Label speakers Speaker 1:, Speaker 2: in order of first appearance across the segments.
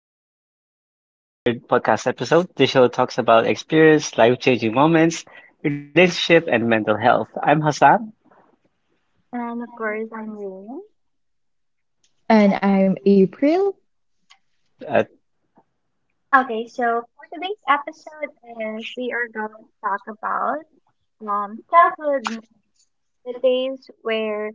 Speaker 1: Life, our third podcast episode. This show talks about experience, life-changing moments, relationship, and mental health. I'm Hassan.
Speaker 2: And of course, I'm Rain.
Speaker 3: And I'm April.
Speaker 1: Uh,
Speaker 2: Okay, so for today's episode is we are going to talk about childhood. The days where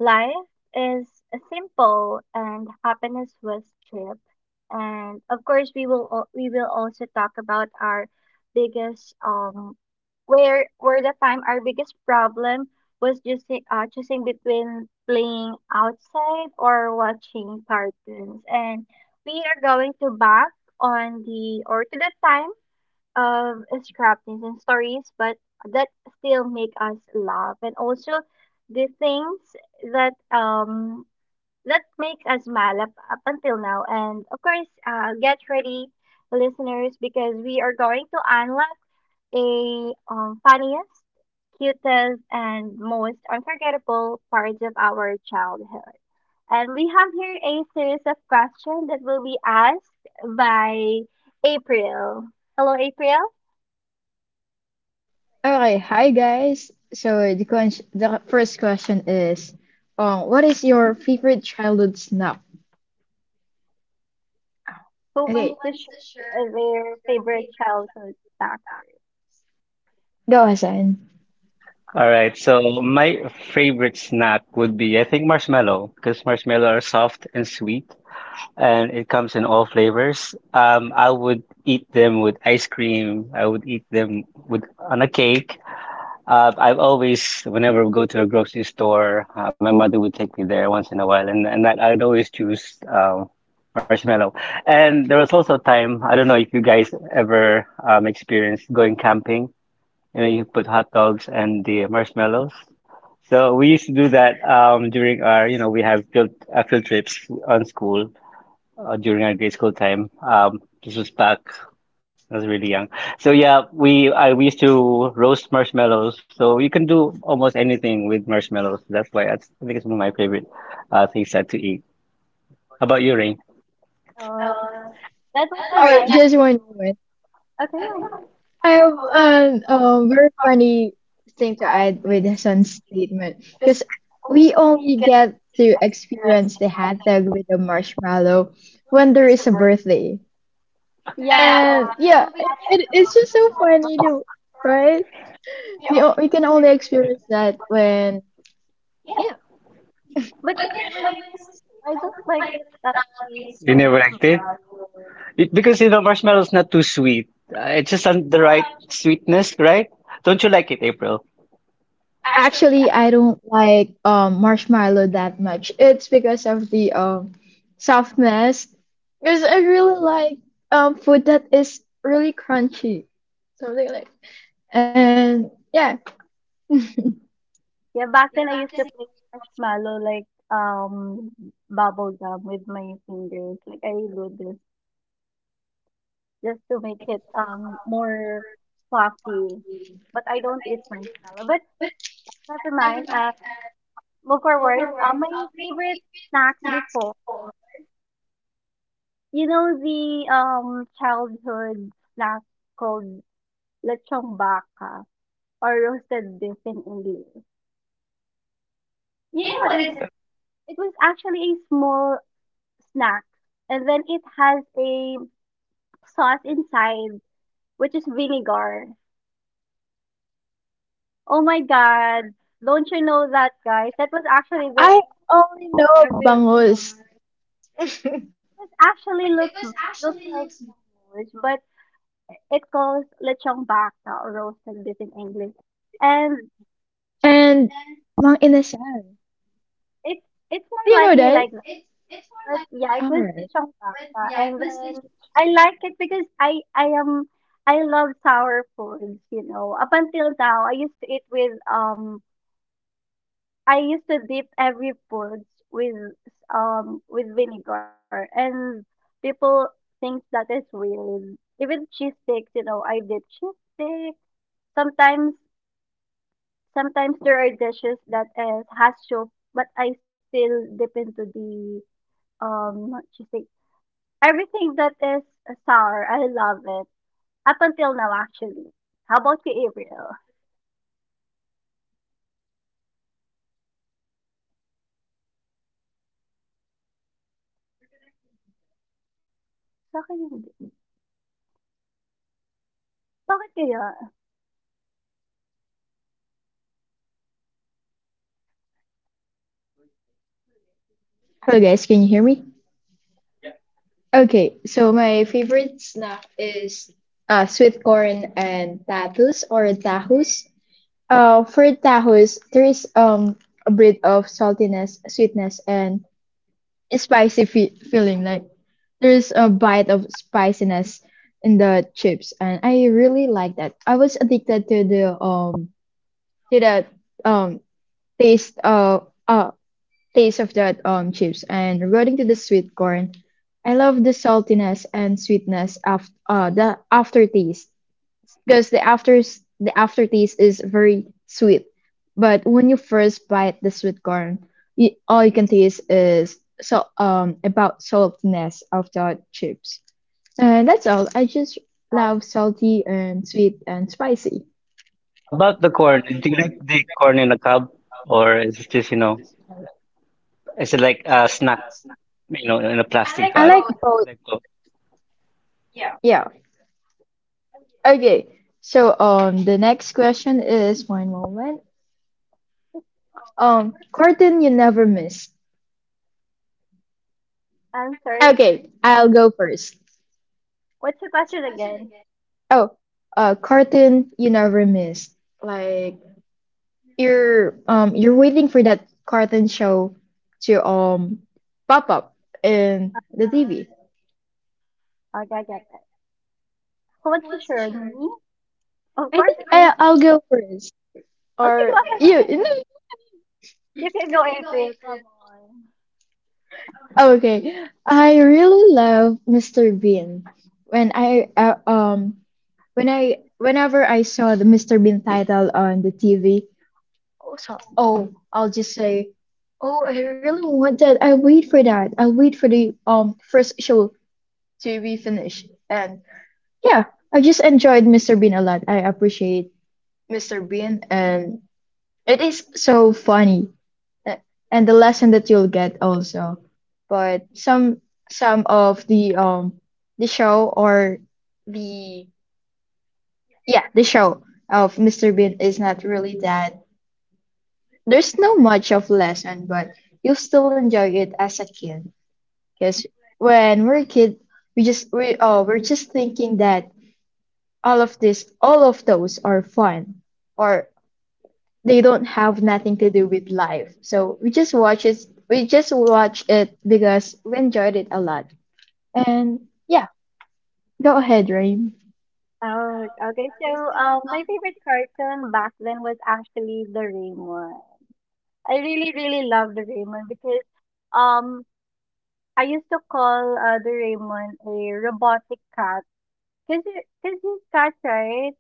Speaker 2: life is simple and happiness was cheap. And of course, we will also talk about our biggest where the time our biggest problem was just choosing between playing outside or watching cartoons. And we are going to back on the or to the time scrappings and stories but that still make us laugh and also the things that that makes us smile up until now. And of course get ready listeners because we are going to unlock a funniest cutest and most unforgettable parts of our childhood. And we have here a series of questions that will be asked by April. Hello, April.
Speaker 3: Okay, Hi, guys. So the first question is, what is your favorite childhood snack?
Speaker 2: Who
Speaker 3: Okay,
Speaker 2: wants to share their favorite childhood snack word?
Speaker 3: go Hassan.
Speaker 1: all right, so my favorite snack would be, I think, marshmallow, because marshmallow are soft and sweet, and it comes in all flavors. I would eat them with ice cream. I would eat them with on a cake. I've always, whenever we go to a grocery store, my mother would take me there once in a while, and that I'd always choose marshmallow. And there was also a time, I don't know if you guys ever experienced going camping, you put hot dogs and the marshmallows. So we used to do that during our, we have field trips on school during our grade school time. This was back. I was really young. So yeah, we used to roast marshmallows. So you can do almost anything with marshmallows. That's why I think it's one of my favorite things that to eat. How about you, Rain?
Speaker 2: Uh, that was so
Speaker 3: All right,
Speaker 2: nice.
Speaker 3: just one moment.
Speaker 2: Okay,
Speaker 3: I have an very funny thing to add with Hassan's statement because we only get to experience the hot dog with the marshmallow when there is a birthday.
Speaker 2: yeah. Yeah.
Speaker 3: And yeah, it's just so funny to, right? We can only experience that when
Speaker 2: But you know, when I don't like it, that taste
Speaker 1: You
Speaker 2: of
Speaker 1: never
Speaker 2: marshmallow.
Speaker 1: liked it? Because you know marshmallow's not too sweet. It's just on the right sweetness, right? Don't you like it, April?
Speaker 3: actually I don't like marshmallow that much. It's because of the softness. Because I really like food that is really crunchy, something like. And yeah,
Speaker 2: Yeah, back then I used to play marshmallow like bubble gum with my fingers. Like I do this just to make it more fluffy. But I don't eat marshmallow. But never mind. Move forward. My favorite snacks before. You know the childhood snack called lechong baka or roasted beef in English. You know what is it was actually a small snack, and then it has a sauce inside, which is vinegar. Oh my god. Don't you know that, guys? That was actually the
Speaker 3: I only know
Speaker 2: popular.
Speaker 3: bangus
Speaker 2: It actually looks like bangus, but it calls lechong baka or roasted beef in English. And
Speaker 3: and mang inasal.
Speaker 2: It's it's
Speaker 3: Do
Speaker 2: more
Speaker 3: you know
Speaker 2: likely like
Speaker 3: that?
Speaker 2: that. But yeah, it
Speaker 3: All
Speaker 2: was rich
Speaker 3: right.
Speaker 2: on pasta. And then I like it because I am I love sour foods, you know. Up until now, I used to eat with I used to dip every foods with vinegar and people think that is weird. Even cheese sticks, you know, I dip cheese sticks. Sometimes sometimes there are dishes that is has soup, but I still dip into the not just like everything that is sour, I love it. Up until now, actually. How about you, April? Sa akin hindi. Bakit kaya?
Speaker 3: Hello, guys, can you hear me? Okay, so my favorite snack is sweet corn and tatus or tahus. For tahus, there is a bit of saltiness, sweetness, and spicy fe feeling. Like there's a bite of spiciness in the chips, and I really like that. I was addicted to the um taste of that chips. And regarding to the sweet corn, I love the saltiness and sweetness of the aftertaste because the aftertaste is very sweet. But when you first bite the sweet corn, all you can taste is so about saltiness of the chips. And that's all. I just love salty and sweet and spicy.
Speaker 1: About the corn, do you like the corn in a cob, or is it just you know? Is it like a snack, in a I plastic
Speaker 3: I
Speaker 1: bag?
Speaker 3: like both.
Speaker 1: Like, both.
Speaker 3: Yeah. Okay. So the next question is one moment. Cartoon you never missed.
Speaker 2: I'm sorry.
Speaker 3: Okay, I'll go first.
Speaker 2: What's the question again?
Speaker 3: Oh, Cartoon you never missed. Like you're waiting for that cartoon show to pop up in the TV.
Speaker 2: Okay, I get that. Who wants to share? Me? Of
Speaker 3: I
Speaker 2: course,
Speaker 3: think
Speaker 2: me.
Speaker 3: I I'll go first.
Speaker 2: Okay,
Speaker 3: Or
Speaker 2: go ahead. Go
Speaker 3: you?
Speaker 2: ahead.
Speaker 3: You
Speaker 2: You can go, April. Come on.
Speaker 3: okay, I really love Mr. Bean. When I uh, um Whenever I saw the Mr. Bean title on the TV, Oh, I'll just say, oh, I really want that. I wait for that. I wait for the first show to be finished. And yeah, I just enjoyed Mr. Bean a lot. I appreciate Mr. Bean, and it is so funny, a- and the lesson that you'll get also. But some of the show or the yeah the show of Mr. Bean is not really that. There's no much of lesson, but you'll still enjoy it as a kid. Because when we're a kid, we're just thinking that all of those are fun, or they don't have nothing to do with life. So we just watch it. We just watch it because we enjoyed it a lot. And yeah, go ahead, Rain.
Speaker 2: Oh, okay. So, my favorite cartoon back then was actually the Doraemon. I really, really loved the Doraemon because, um, I used to call the Raymond a robotic cat because he's cat, right?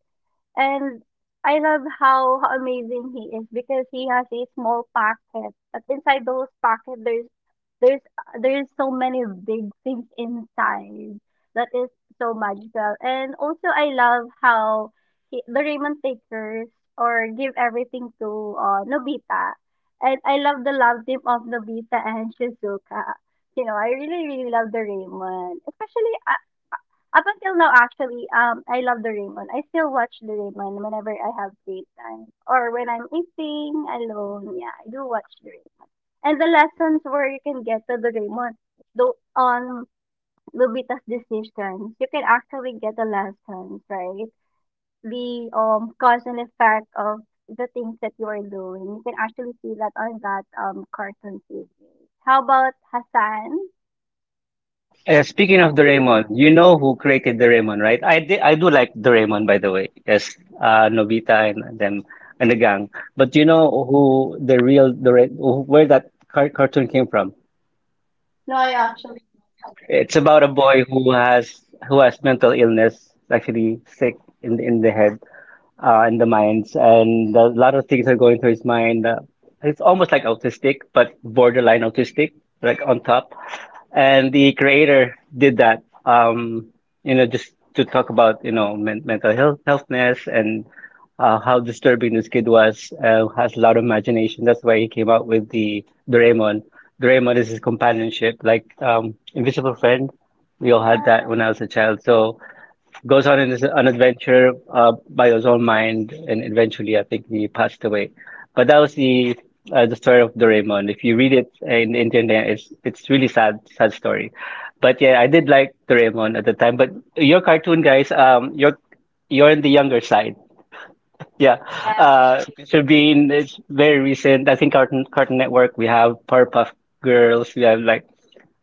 Speaker 2: And I love how amazing he is because he has a small pocket. But inside those pockets, there's there's so many big things inside that is so magical. And also, I love how the Raymond takers or give everything to Nobita. And I love the love team of Nobita and Shizuka. You know, I really, really love the Raymond. Especially, up until now, actually, I love the Doraemon. I still watch the Doraemon whenever I have free time or when I'm eating alone. Yeah, I do watch the Doraemon. And the lessons where you can get to the Doraemon, though on Lobita's decisions, you can actually get the lessons, right? The cause and effect of the things that you are doing. You can actually see that on that cartoon series. How about Hassan?
Speaker 1: Speaking of Doraemon, you know who created Doraemon, right? I do like Doraemon, by the way. Yes, Nobita and them and the gang. But you know who the real where that cartoon came from?
Speaker 2: No, I actually
Speaker 1: It's about a boy who has mental illness, actually sick in in the head, in the minds, and a lot of things are going through his mind. It's almost like autistic, but borderline autistic, like on top. And the creator did that, just to talk about, mental health, healthness and how disturbing this kid was. Has a lot of imagination. That's why he came out with the Doraemon. Doraemon is his companionship, like Invisible Friend. We all had that when I was a child. So goes on in an adventure by his own mind, and eventually, I think he passed away. But that was the story of Doraemon. If you read it in the internet, it's really sad, sad story. But yeah, I did like Doraemon at the time. But your cartoon guys, you're on the younger side. Yeah.
Speaker 2: yeah.
Speaker 1: Yeah. Sabine is very recent. I think Cartoon Network. We have Powerpuff Girls. We have like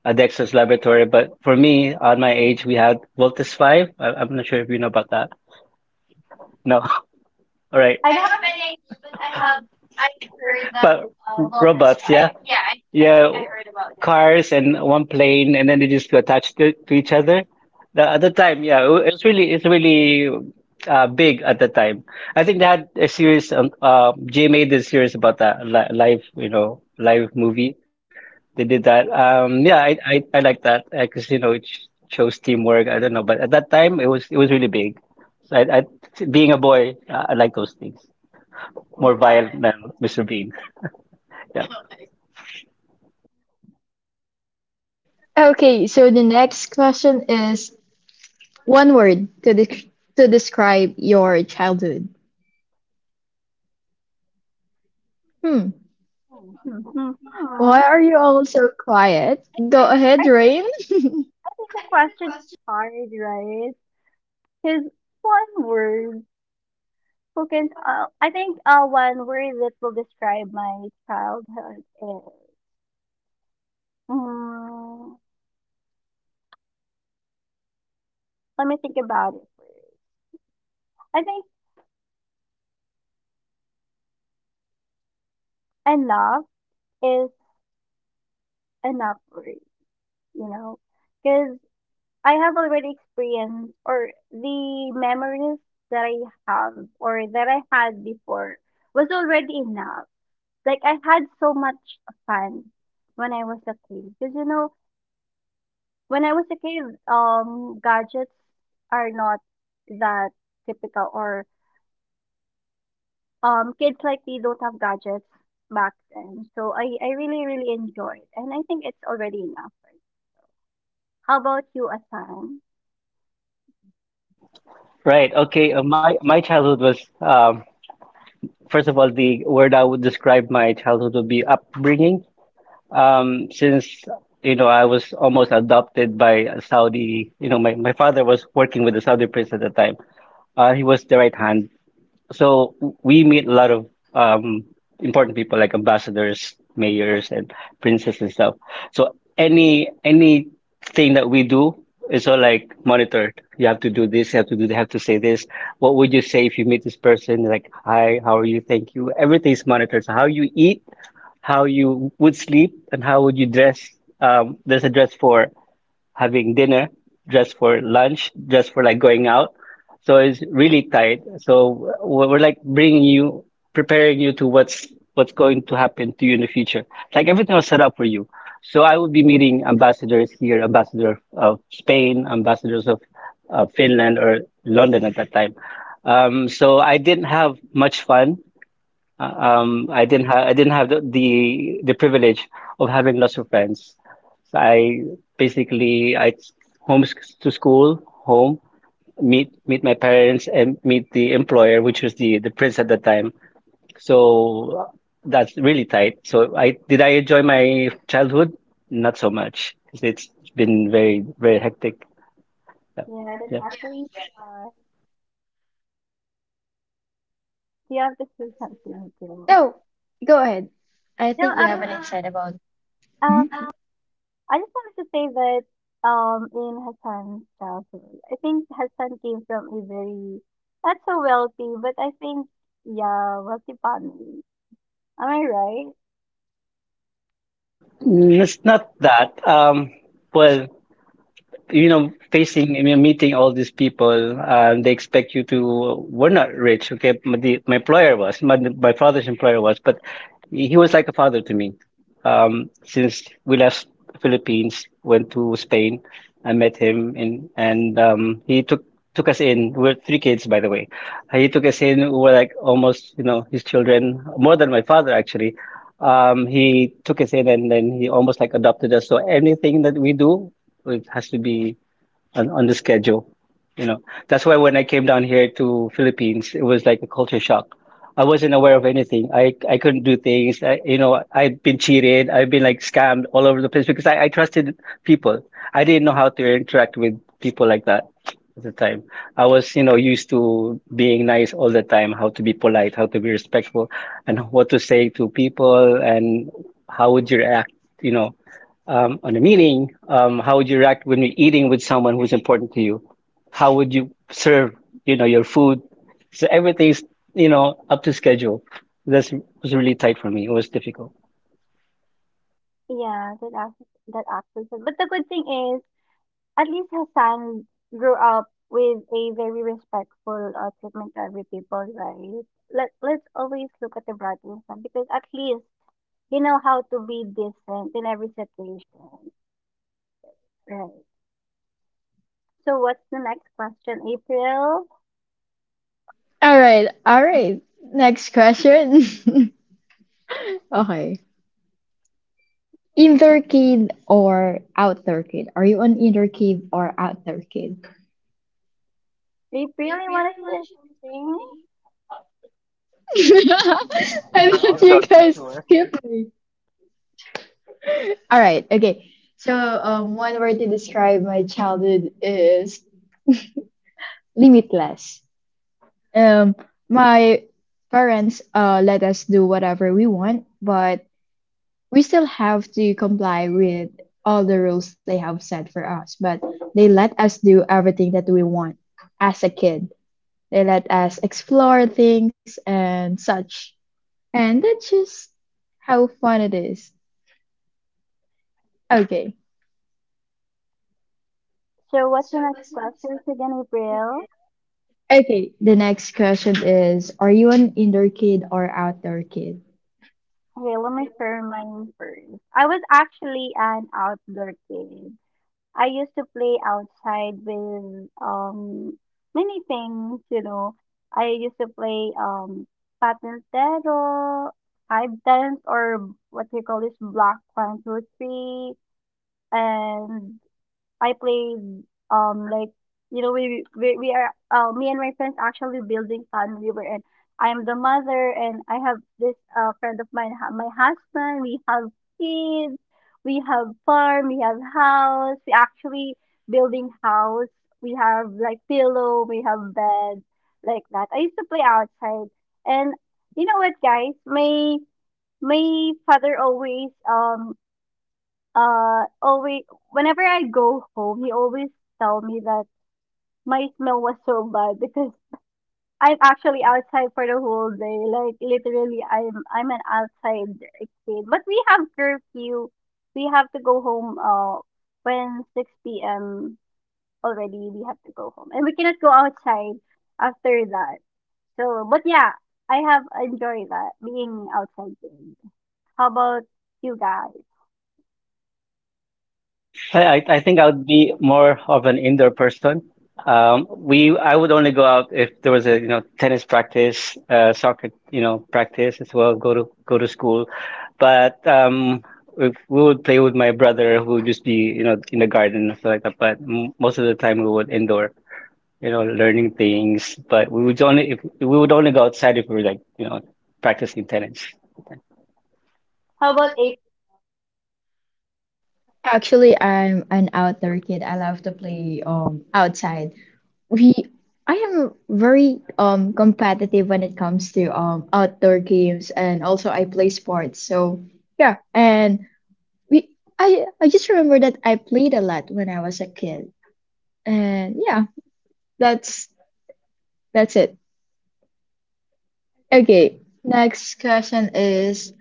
Speaker 1: a Dexter's Laboratory. But for me, on my age, we had Voltus Five. I'm not sure if you know about that. No. All right.
Speaker 2: I don't I have heard.
Speaker 1: But robots,
Speaker 2: Like,
Speaker 1: yeah. Yeah, cars and one plane and then they just attached to each other. The other time, yeah, it's really big at the time. I think they had a series. GMA did a series about that li live movie. They did that. Yeah, I like that because you know shows teamwork. I don't know, but at that time it was really big. So I being a boy, I like those things. More violent than Mr. Bean. Yeah.
Speaker 3: Okay, so the next question is one word to to describe your childhood. Hmm.
Speaker 2: mhm.
Speaker 3: Why
Speaker 2: Huh.
Speaker 3: are you all so quiet? Go
Speaker 2: I,
Speaker 3: ahead, Rain.
Speaker 2: I think the question is hard, right? Because one word who can I think one word that will describe my childhood is mm, let me think about it first. I think enough is enough word, you know, because I have already experienced or the memories that I have or that I had before was already enough. Like I had so much fun when I was a kid. Because you know, when I was a kid, gadgets are not that typical or kids like me don't have gadgets back then. So I really, really enjoyed and I think it's already enough. Right? How about you, Asan?
Speaker 1: Right. Okay. My childhood was first of all the word I would describe my childhood would be upbringing. Since you know I was almost adopted by a Saudi. You know my father was working with the Saudi prince at the time. He was the right hand. So we meet a lot of um, important people like ambassadors, mayors, and princes and stuff. So anything that we do is all like monitored. You have to do this, you have to say this. What would you say if you meet this person? Like, hi, how are you? Thank you. Everything's monitored. So how you eat, how you would sleep, and how would you dress. There's a dress for having dinner, just for lunch, just for like going out. So it's really tight. So we're, like bringing you, preparing you to what's going to happen to you in the future. Like everything was set up for you. So I would be meeting ambassadors here, ambassador of Spain, ambassadors of Finland or London at that time. So I didn't have much fun I didn't have the privilege of having lots of friends. So I home to school, home, meet my parents and meet the employer, which was the prince at the time. So that's really tight. So I did I enjoy my childhood? Not so much. It's been very very hectic. Yeah.
Speaker 2: Yeah, that
Speaker 1: Yeah.
Speaker 2: actually uh do you have to say something, girl?
Speaker 3: No, go ahead. I
Speaker 2: No,
Speaker 3: think you have an insight about.
Speaker 2: uh,
Speaker 3: Mhm.
Speaker 2: I just wanted to say that in Hassan's household, I think Hassan came from a very not so wealthy, but I think yeah, wealthy family. Am I right?
Speaker 1: It's not that. Well, facing, I mean, meeting all these people, they expect you to, we're not rich, okay? My employer was, my father's employer was, but he was like a father to me. Since we left Philippines, went to Spain, I met him in, and he took us in. We're three kids, by the way. He took us in. We were like almost, his children, more than my father actually. He took us in, and then he almost like adopted us. So anything that we do, it has to be on the schedule. You know, that's why when I came down here to Philippines, it was like a culture shock. I wasn't aware of anything. I couldn't do things. I've been cheated. I've been like scammed all over the place because I trusted people. I didn't know how to interact with people like that at the time. I was, used to being nice all the time, how to be polite, how to be respectful, and what to say to people, and how would you react, you know on a meeting, how would you react when you're eating with someone who's important to you? How would you serve, your food? So everything's, up to schedule. This was really tight for me. It was difficult.
Speaker 2: Yeah, that actually. But the good thing is, at least Hassan grew up with a very respectful treatment to every people, right? Let's always look at the bright side because at least they know how to be decent in every situation, right? So what's the next question, April?
Speaker 3: All right, all right. Next question. Okay. Indoor kid or outdoor kid? Are you an indoor kid or outdoor kid?
Speaker 2: April, you wanna share something?
Speaker 3: I thought you guys skipped me. All right, okay. So, one word to describe my childhood is limitless. Um, my parents let us do whatever we want, but we still have to comply with all the rules they have set for us. But they let us do everything that we want as a kid. They let us explore things and such. And that's just how fun it is. Okay.
Speaker 2: So what's the next question again, April?
Speaker 3: Okay. The next question is, are you an indoor kid or outdoor kid?
Speaker 2: Okay, let me share mine first. I was actually an outdoor kid. I used to play outside with many things, you know. I used to play patintero, five times or what do you call this block one, two, three, and I played like you know we are me and my friends actually building we River in I'm the mother and I have this friend of mine my husband we have kids we have farm we have house we actually building house we have like pillow we have bed like that I used to play outside. And you know what guys my father always whenever I go home, he always tell me that my smell was so bad because I'm actually outside for the whole day. Like literally, I'm an outside kid. But we have curfew. We have to go home. When 6 p.m. already, we have to go home, and we cannot go outside after that. So, but yeah, I have enjoyed that being outside kid. How about you guys?
Speaker 1: I think I would be more of an indoor person. We I would only go out if there was a tennis practice, soccer practice as well. Go to school, but if we would play with my brother who would just be in the garden and stuff like that. But m most of the time we would indoor, learning things. But we would only go outside if we were like practicing tennis.
Speaker 2: How about a
Speaker 3: Actually, I'm an outdoor kid. I love to play outside. We I am very competitive when it comes to outdoor games, and also I play sports. So yeah, and we I just remember that I played a lot when I was a kid. And yeah, that's that's it. Okay, next question is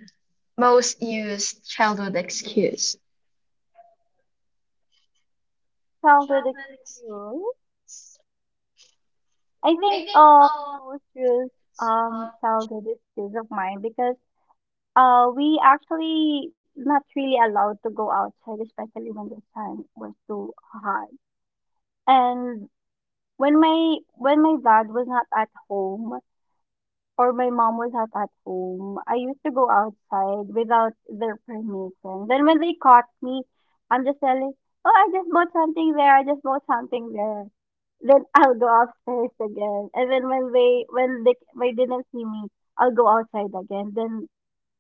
Speaker 3: most used childhood excuse.
Speaker 2: childhood experience? I think most rules tell that it's peace of mind because we actually not really allowed to go outside, especially when the sun was too hot. And when my dad was not at home, or my mom was not at home, I used to go outside without their permission. Then when they caught me, I'm just telling, oh, I just bought something there, I just bought something there. Then I'll go upstairs again. And then when they didn't see me, I'll go outside again. Then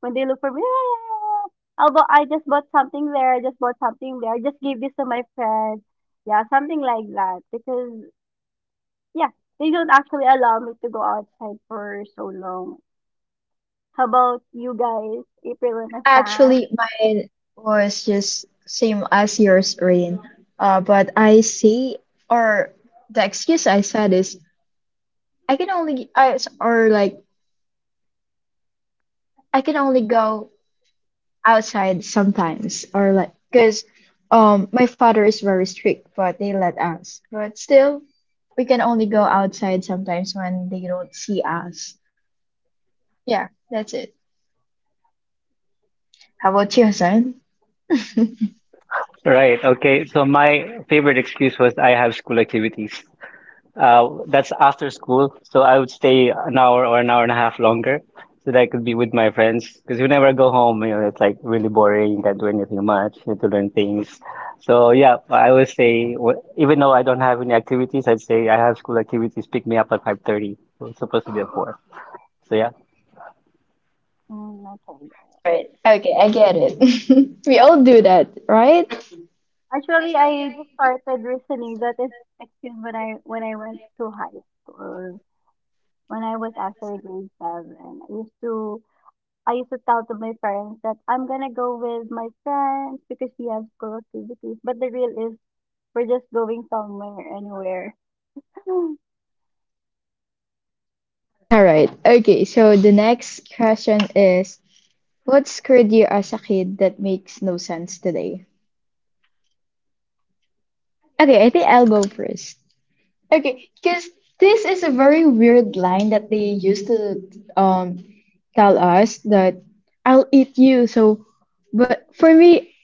Speaker 2: when they look for me, "Ah, I just bought something there, I just bought something there, I just gave this to my friend. Yeah, something like that. Because yeah, they don't actually allow me to go outside for so long. How about you guys? April and Asan?
Speaker 3: Actually, mine was just same as yours, Rain. But I say, or the excuse I said is I can only I or like I can only go outside sometimes, or like, because my father is very strict, but they let us. But still we can only go outside sometimes when they don't see us. Yeah, that's it. How about you, Hassan? All
Speaker 1: Right. Okay. So my favorite excuse was I have school activities. That's after school, so I would stay an hour or an hour and a half longer so that I could be with my friends. Because whenever I go home, it's like really boring. You can't do anything much. You have to learn things. So yeah, I would say even though I don't have any activities, I'd say I have school activities pick me up at 5:30. So it's supposed to be at 4. So yeah.
Speaker 2: Mm, okay. Good.
Speaker 3: right. Okay, I get it. We all do that, right?
Speaker 2: Actually, I just started recently. That is actually when I went to high school. When I was actually grade seven, I used to tell to my parents that I'm gonna go with my friends because we have school activities. But the real is we're just going somewhere anywhere.
Speaker 3: All right, okay, so the next question is, what scared you as a kid that makes no sense today? Okay, I think I'll go first. Okay, because this is a very weird line that they used to um tell us that, I'll eat you. So, but for me,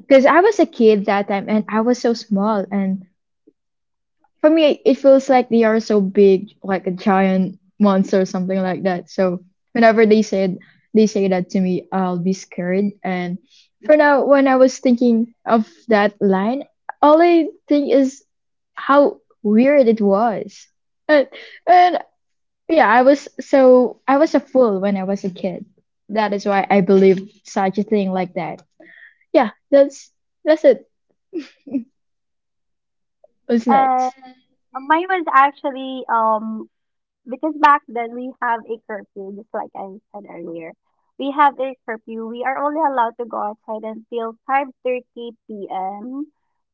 Speaker 3: because I was a kid that time and I was so small, and for me, it feels like they are so big, like a giant monster or something like that. So whenever they say that to me, I'll be scared. And for now, when I was thinking of that line, all I think is how weird it was. And, and yeah, I was a fool when I was a kid. That is why I believed such a thing like that. Yeah, that's it. What's
Speaker 2: And
Speaker 3: next?
Speaker 2: mine was actually because back then we have a curfew, just like I said earlier. We have a curfew. We are only allowed to go outside until 5:30 p.m.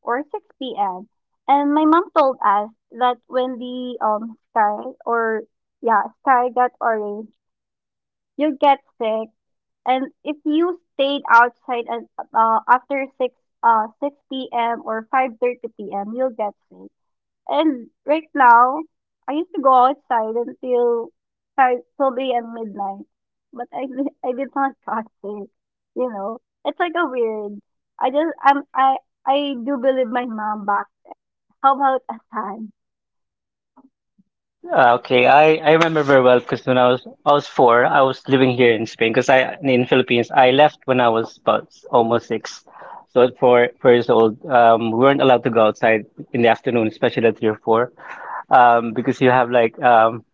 Speaker 2: or 6 p.m. And my mom told us that when the sky or yeah sky got orange, you get sick, and if you stayed outside and after 6 p.m. or 5:30 p.m., you'll get sick. And right now, I used to go outside until 12 a.m. midnight, but I did not cut it. You know, it's like a weird. I just I'm I do believe my mom back. How about a time?
Speaker 1: Ah, okay, I remember very well because when I was 4, I was living here in Spain because I in Philippines I left when I was about almost 6, so at four years old, we weren't allowed to go outside in the afternoon, especially at 3 or 4, because you have like um,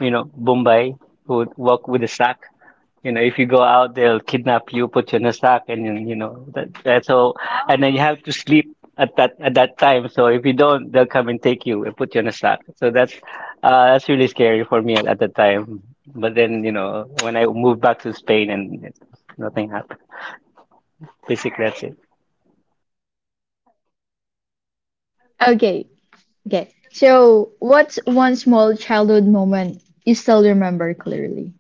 Speaker 1: you know, Bombay who would walk with a sack. If you go out, they'll kidnap you, put you in a sack, and then, you know that that's how and then you have to sleep at that time. So if you don't, they'll come and take you and put you on a sack. So that's really scary for me at the time. But then you know when I moved back to Spain and nothing happened. Basically, that's it.
Speaker 3: Okay. Okay. So, what's one small childhood moment you still remember clearly?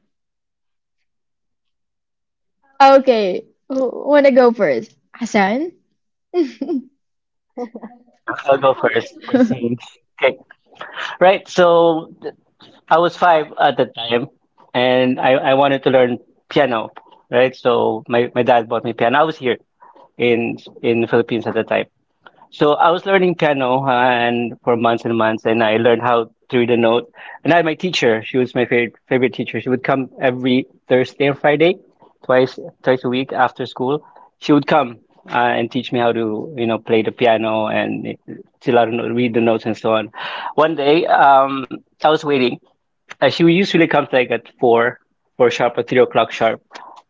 Speaker 3: Okay. Wanna go first, Hassan?
Speaker 1: So yeah, I'll go first for a change. Okay, right. So I was 5 at the time, and I wanted to learn piano. Right. So my dad bought me piano. I was here in in the Philippines at the time. So I was learning piano and for months and months, and I learned how to read a note. And I had my teacher. She was my favorite teacher. She would come every Thursday and Friday, twice twice a week after school. She would come and teach me how to play the piano and to learn to read the notes and so on. One day, I was waiting. She usually comes like at four sharp or 3 o'clock sharp.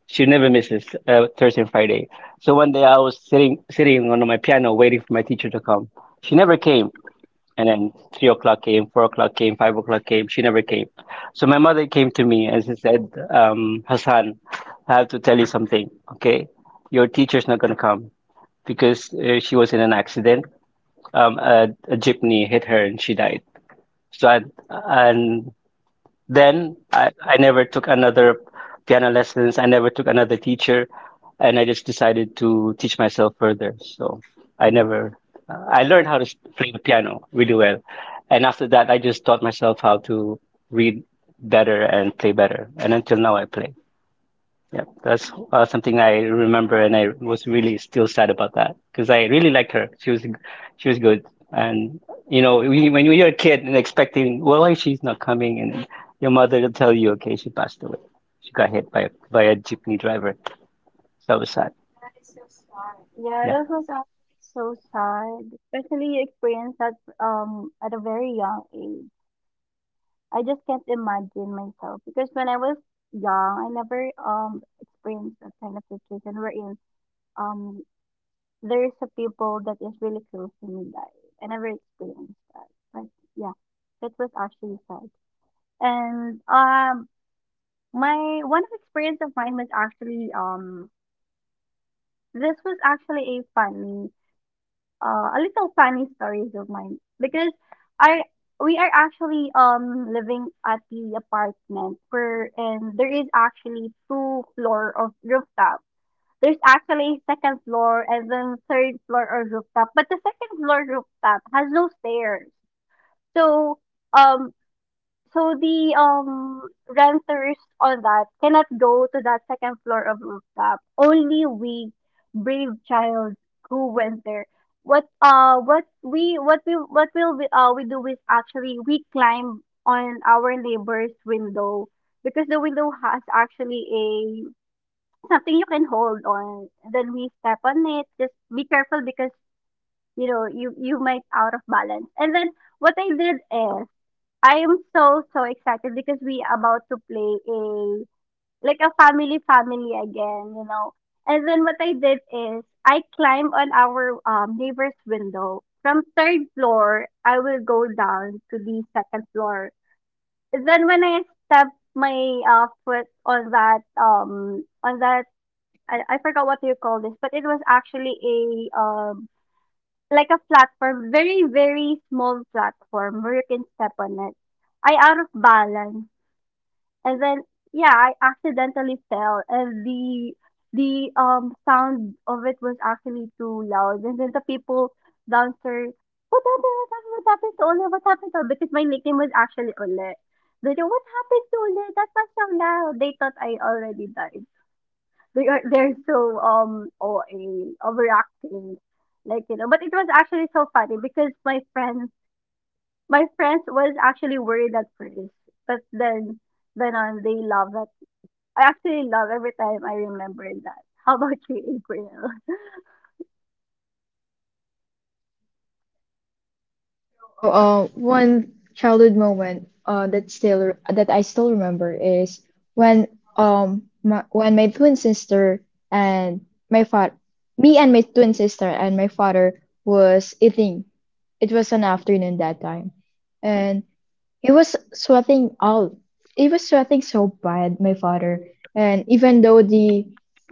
Speaker 1: She never misses Thursday and Friday. So one day I was sitting on my piano waiting for my teacher to come. She never came. And then 3 o'clock came, 4 o'clock came, 5 o'clock came. She never came. So my mother came to me and she said, "Hassan, I have to tell you something. Okay, your teacher's not gonna come because she was in an accident. A jeepney hit her and she died." So and then I never took another piano lessons. I never took another teacher, and I just decided to teach myself further. So I never, I learned how to play the piano really well, and after that, I just taught myself how to read better and play better, and until now, I play. Yeah, that's something I remember, and I was really still sad about that because I really liked her. She was good, and when you're a kid and expecting, well, why she's not coming, and your mother will tell you, okay, she passed away. She got hit by by a jeepney driver. So that was sad.
Speaker 2: Yeah,
Speaker 1: Yeah.
Speaker 2: that was actually so sad, especially you experience that at a very young age. I just can't imagine myself because when I was young, I never experienced that kind of situation wherein um There's a people that is really close to me died. I never experienced that. But yeah, that was actually sad. And my one experience of mine was actually this was actually a little funny stories of mine because I we are actually living at the apartment where and there is actually two floor of rooftop. There's actually second floor and then third floor or rooftop, but the second floor rooftop has no stairs. So um so the renters on that cannot go to that second floor of rooftop. Only we brave child who went there. What we what we what will we do is actually we climb on our neighbor's window because the window has actually something you can hold on. Then we step on it. Just be careful because you know you might out of balance. And then what I did is I am so excited because we about to play a like a family again, you know. And then what I did is I climbed on our neighbor's window. From third floor, I will go down to the second floor. Then when I step my foot on that I forgot what you call this, but it was actually a like a platform, very small platform where you can step on it. I out of balance, and then yeah, I accidentally fell, and the sound of it was actually too loud, and then the people downstairs, what happened? What happened? What happened to Ole? What happened to Ole?" Because my nickname was actually Ole. They know what happened to Ole? That was so loud. They thought I already died. They are they're so OA overacting, but it was actually so funny because my friends was actually worried at first, but then on they love that. I actually love every time I remember that. How about you, April?
Speaker 3: So, one childhood moment that still that I still remember is when when my twin sister and my father, me and my twin sister and my father was eating. It was an afternoon that time, and he was sweating all. He was sweating so bad, my father. And even though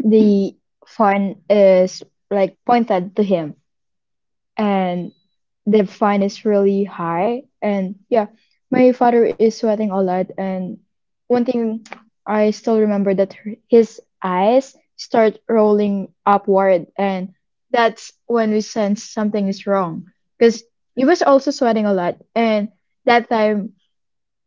Speaker 3: the fine is like pointed to him, and the fine is really high, and yeah, my father is sweating a lot. And one thing I still remember that his eyes start rolling upward, and that's when we sense something is wrong because he was also sweating a lot, and that time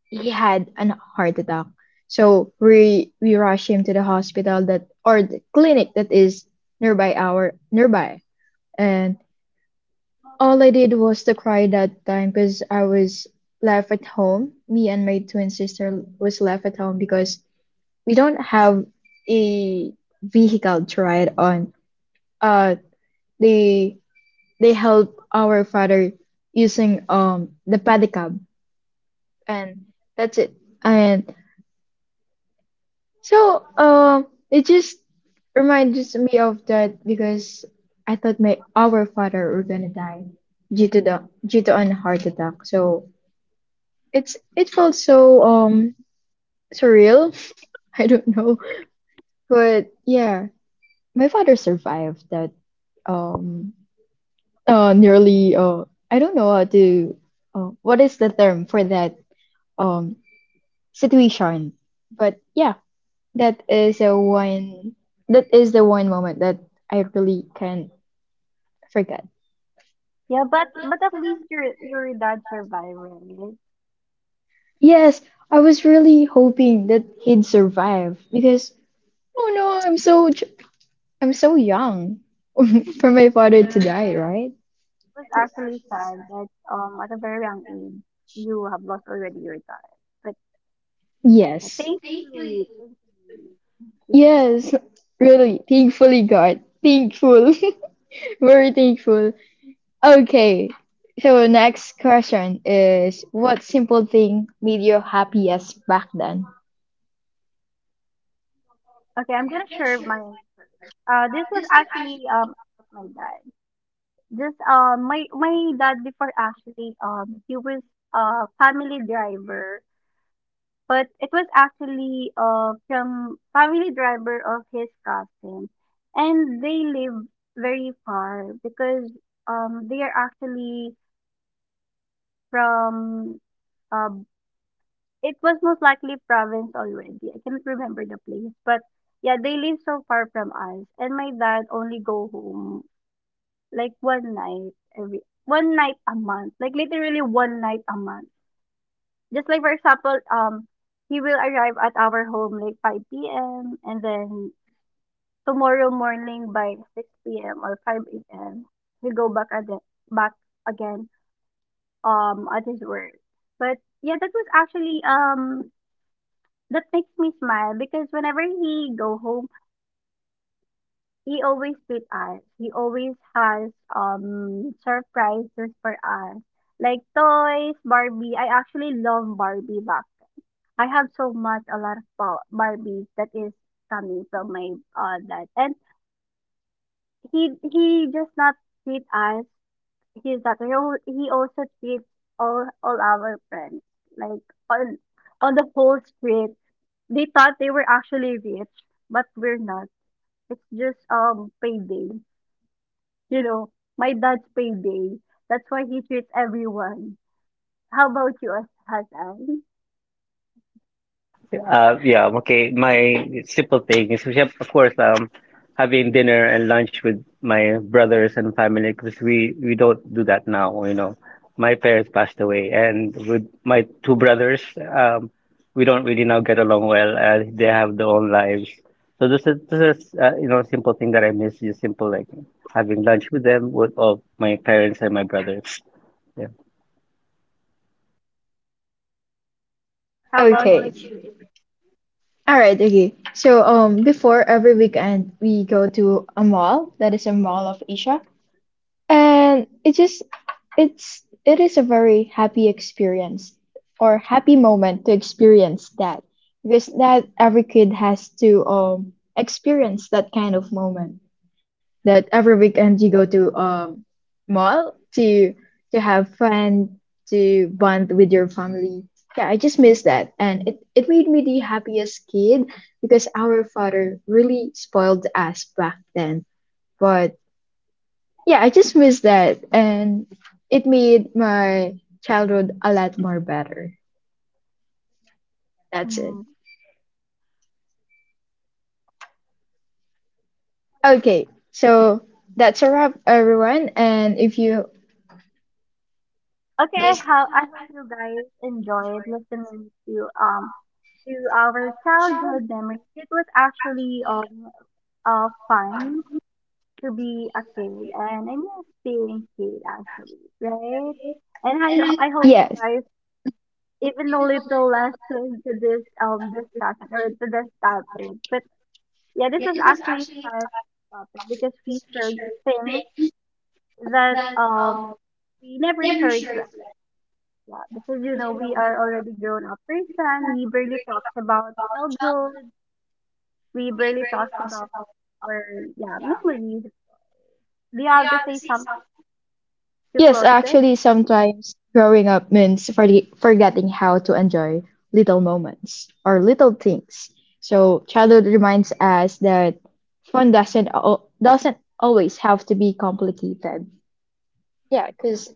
Speaker 3: he had an heart attack. So we rushed him to the hospital, that or the clinic that is nearby. And all I did was to cry that time because I was left at home. Me and my twin sister was left at home because we don't have a vehicle to ride on. Uh, they they help our father using the pedicab, and that's it. And so, it just reminds me of that because I thought my our father were gonna die due to an heart attack. So it's it felt so surreal. I don't know, but yeah, my father survived that um nearly, I don't know how to, what is the term for that um situation, but yeah, That is a one. That is the one moment that I really can't forget.
Speaker 2: Yeah, but at least your dad survived, right? It
Speaker 3: Yes, I was really hoping that he'd survive because oh no, I'm so j- I'm so young for my father to die, right?
Speaker 2: was actually sad that at a very young age you have lost already your dad, but
Speaker 3: Yes,
Speaker 2: thankfully you
Speaker 3: yes,
Speaker 2: survived.
Speaker 3: really. Thankfully, God, thankful, very thankful. Okay, so next question is, what simple thing made you happiest back then?
Speaker 2: Okay, I'm gonna share my. This was actually my dad. This my dad before actually he was a family driver, but it was actually from family driver of his cousin, and they live very far because they are actually from uh it was most likely province already. I cannot remember the place, but yeah, they live so far from us, and my dad only go home like 1 night every 1 night a month, like literally 1 night a month. Just like for example, he will arrive at our home like 5 p.m. and then tomorrow morning by 6 p.m. or 5 a.m., he'll go back again back again at his work. But yeah, that was actually that makes me smile because whenever he go home he always treat us. He always has surprises for us. Like toys, Barbie. I actually love Barbie back then. I have so much a lot of Barbies that is coming from my dad. And he just not treat us his daughter. He he also treats all our friends. Like on on the whole street. They thought they were actually rich, but we're not. It's just payday. You know, my dad's payday. That's why he treats everyone. How about you, Hasan?
Speaker 1: Yeah, okay. My simple thing is, of course, having dinner and lunch with my brothers and family because we don't do that now. My parents passed away, and with my two brothers, we don't really now get along well, and they have their own lives. So this is simple thing that I miss. Just simple like having lunch with them with all my parents and my brothers. Yeah.
Speaker 2: How about
Speaker 3: Okay,
Speaker 2: you?
Speaker 3: all right, okay. So before every weekend we go to a mall that is a Mall of Asia, and it just it's it is a very happy experience or happy moment to experience that, because that every kid has to experience that kind of moment, that every weekend you go to mall to have fun, to bond with your family. Yeah, I just miss that, and it made me the happiest kid because our father really spoiled us back then. But yeah, I just miss that, and it made my childhood a lot more better. That's it.
Speaker 2: Mm.
Speaker 3: Okay, so that's a wrap, everyone. And if you
Speaker 2: Okay,
Speaker 3: this
Speaker 2: I hope you guys enjoyed listening to our childhood memories. It was actually fun to be a kid, and I miss being kid actually, right? And I hope you
Speaker 3: yes.
Speaker 2: guys even a little lesson to this discussion or to this topic, but yeah, this is actually fun topic because we shared things that we never shared to Angela because you know we are already grown up person. We barely talk about childhood. We barely talk about our yeah memories. Do you have to say something to
Speaker 3: Yes,
Speaker 2: close this?
Speaker 3: actually, sometimes growing up means forgetting how to enjoy little moments or little things. So childhood reminds us that fun doesn't always have to be complicated. Yeah, because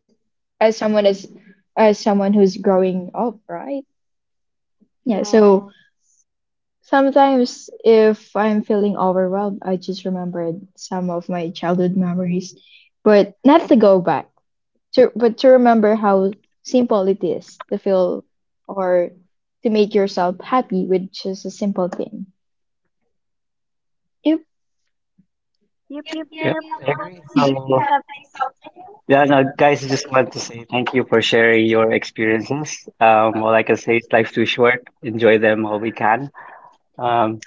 Speaker 3: as someone as as someone who's growing up, right? Yeah, so
Speaker 2: Yeah.
Speaker 3: sometimes if I'm feeling overwhelmed, I just remembered some of my childhood memories, but not to go back to, but to remember how simple it is to feel or to make yourself happy with just a simple thing. Yep.
Speaker 2: Yep, yep,
Speaker 1: Yeah.
Speaker 2: yep. How about
Speaker 1: I
Speaker 2: this?
Speaker 1: Yeah, no, guys, just want to say thank you for sharing your experiences. All I can say is life's too short. Enjoy them all we can. Um,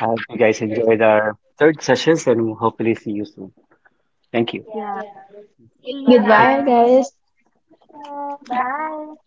Speaker 1: I hope you guys enjoyed our third sessions and we'll hopefully see you soon. Thank you.
Speaker 2: Yeah. See you
Speaker 1: Thank
Speaker 3: Goodbye,
Speaker 1: you.
Speaker 2: guys.
Speaker 1: Bye.
Speaker 3: guys.
Speaker 2: So, bye.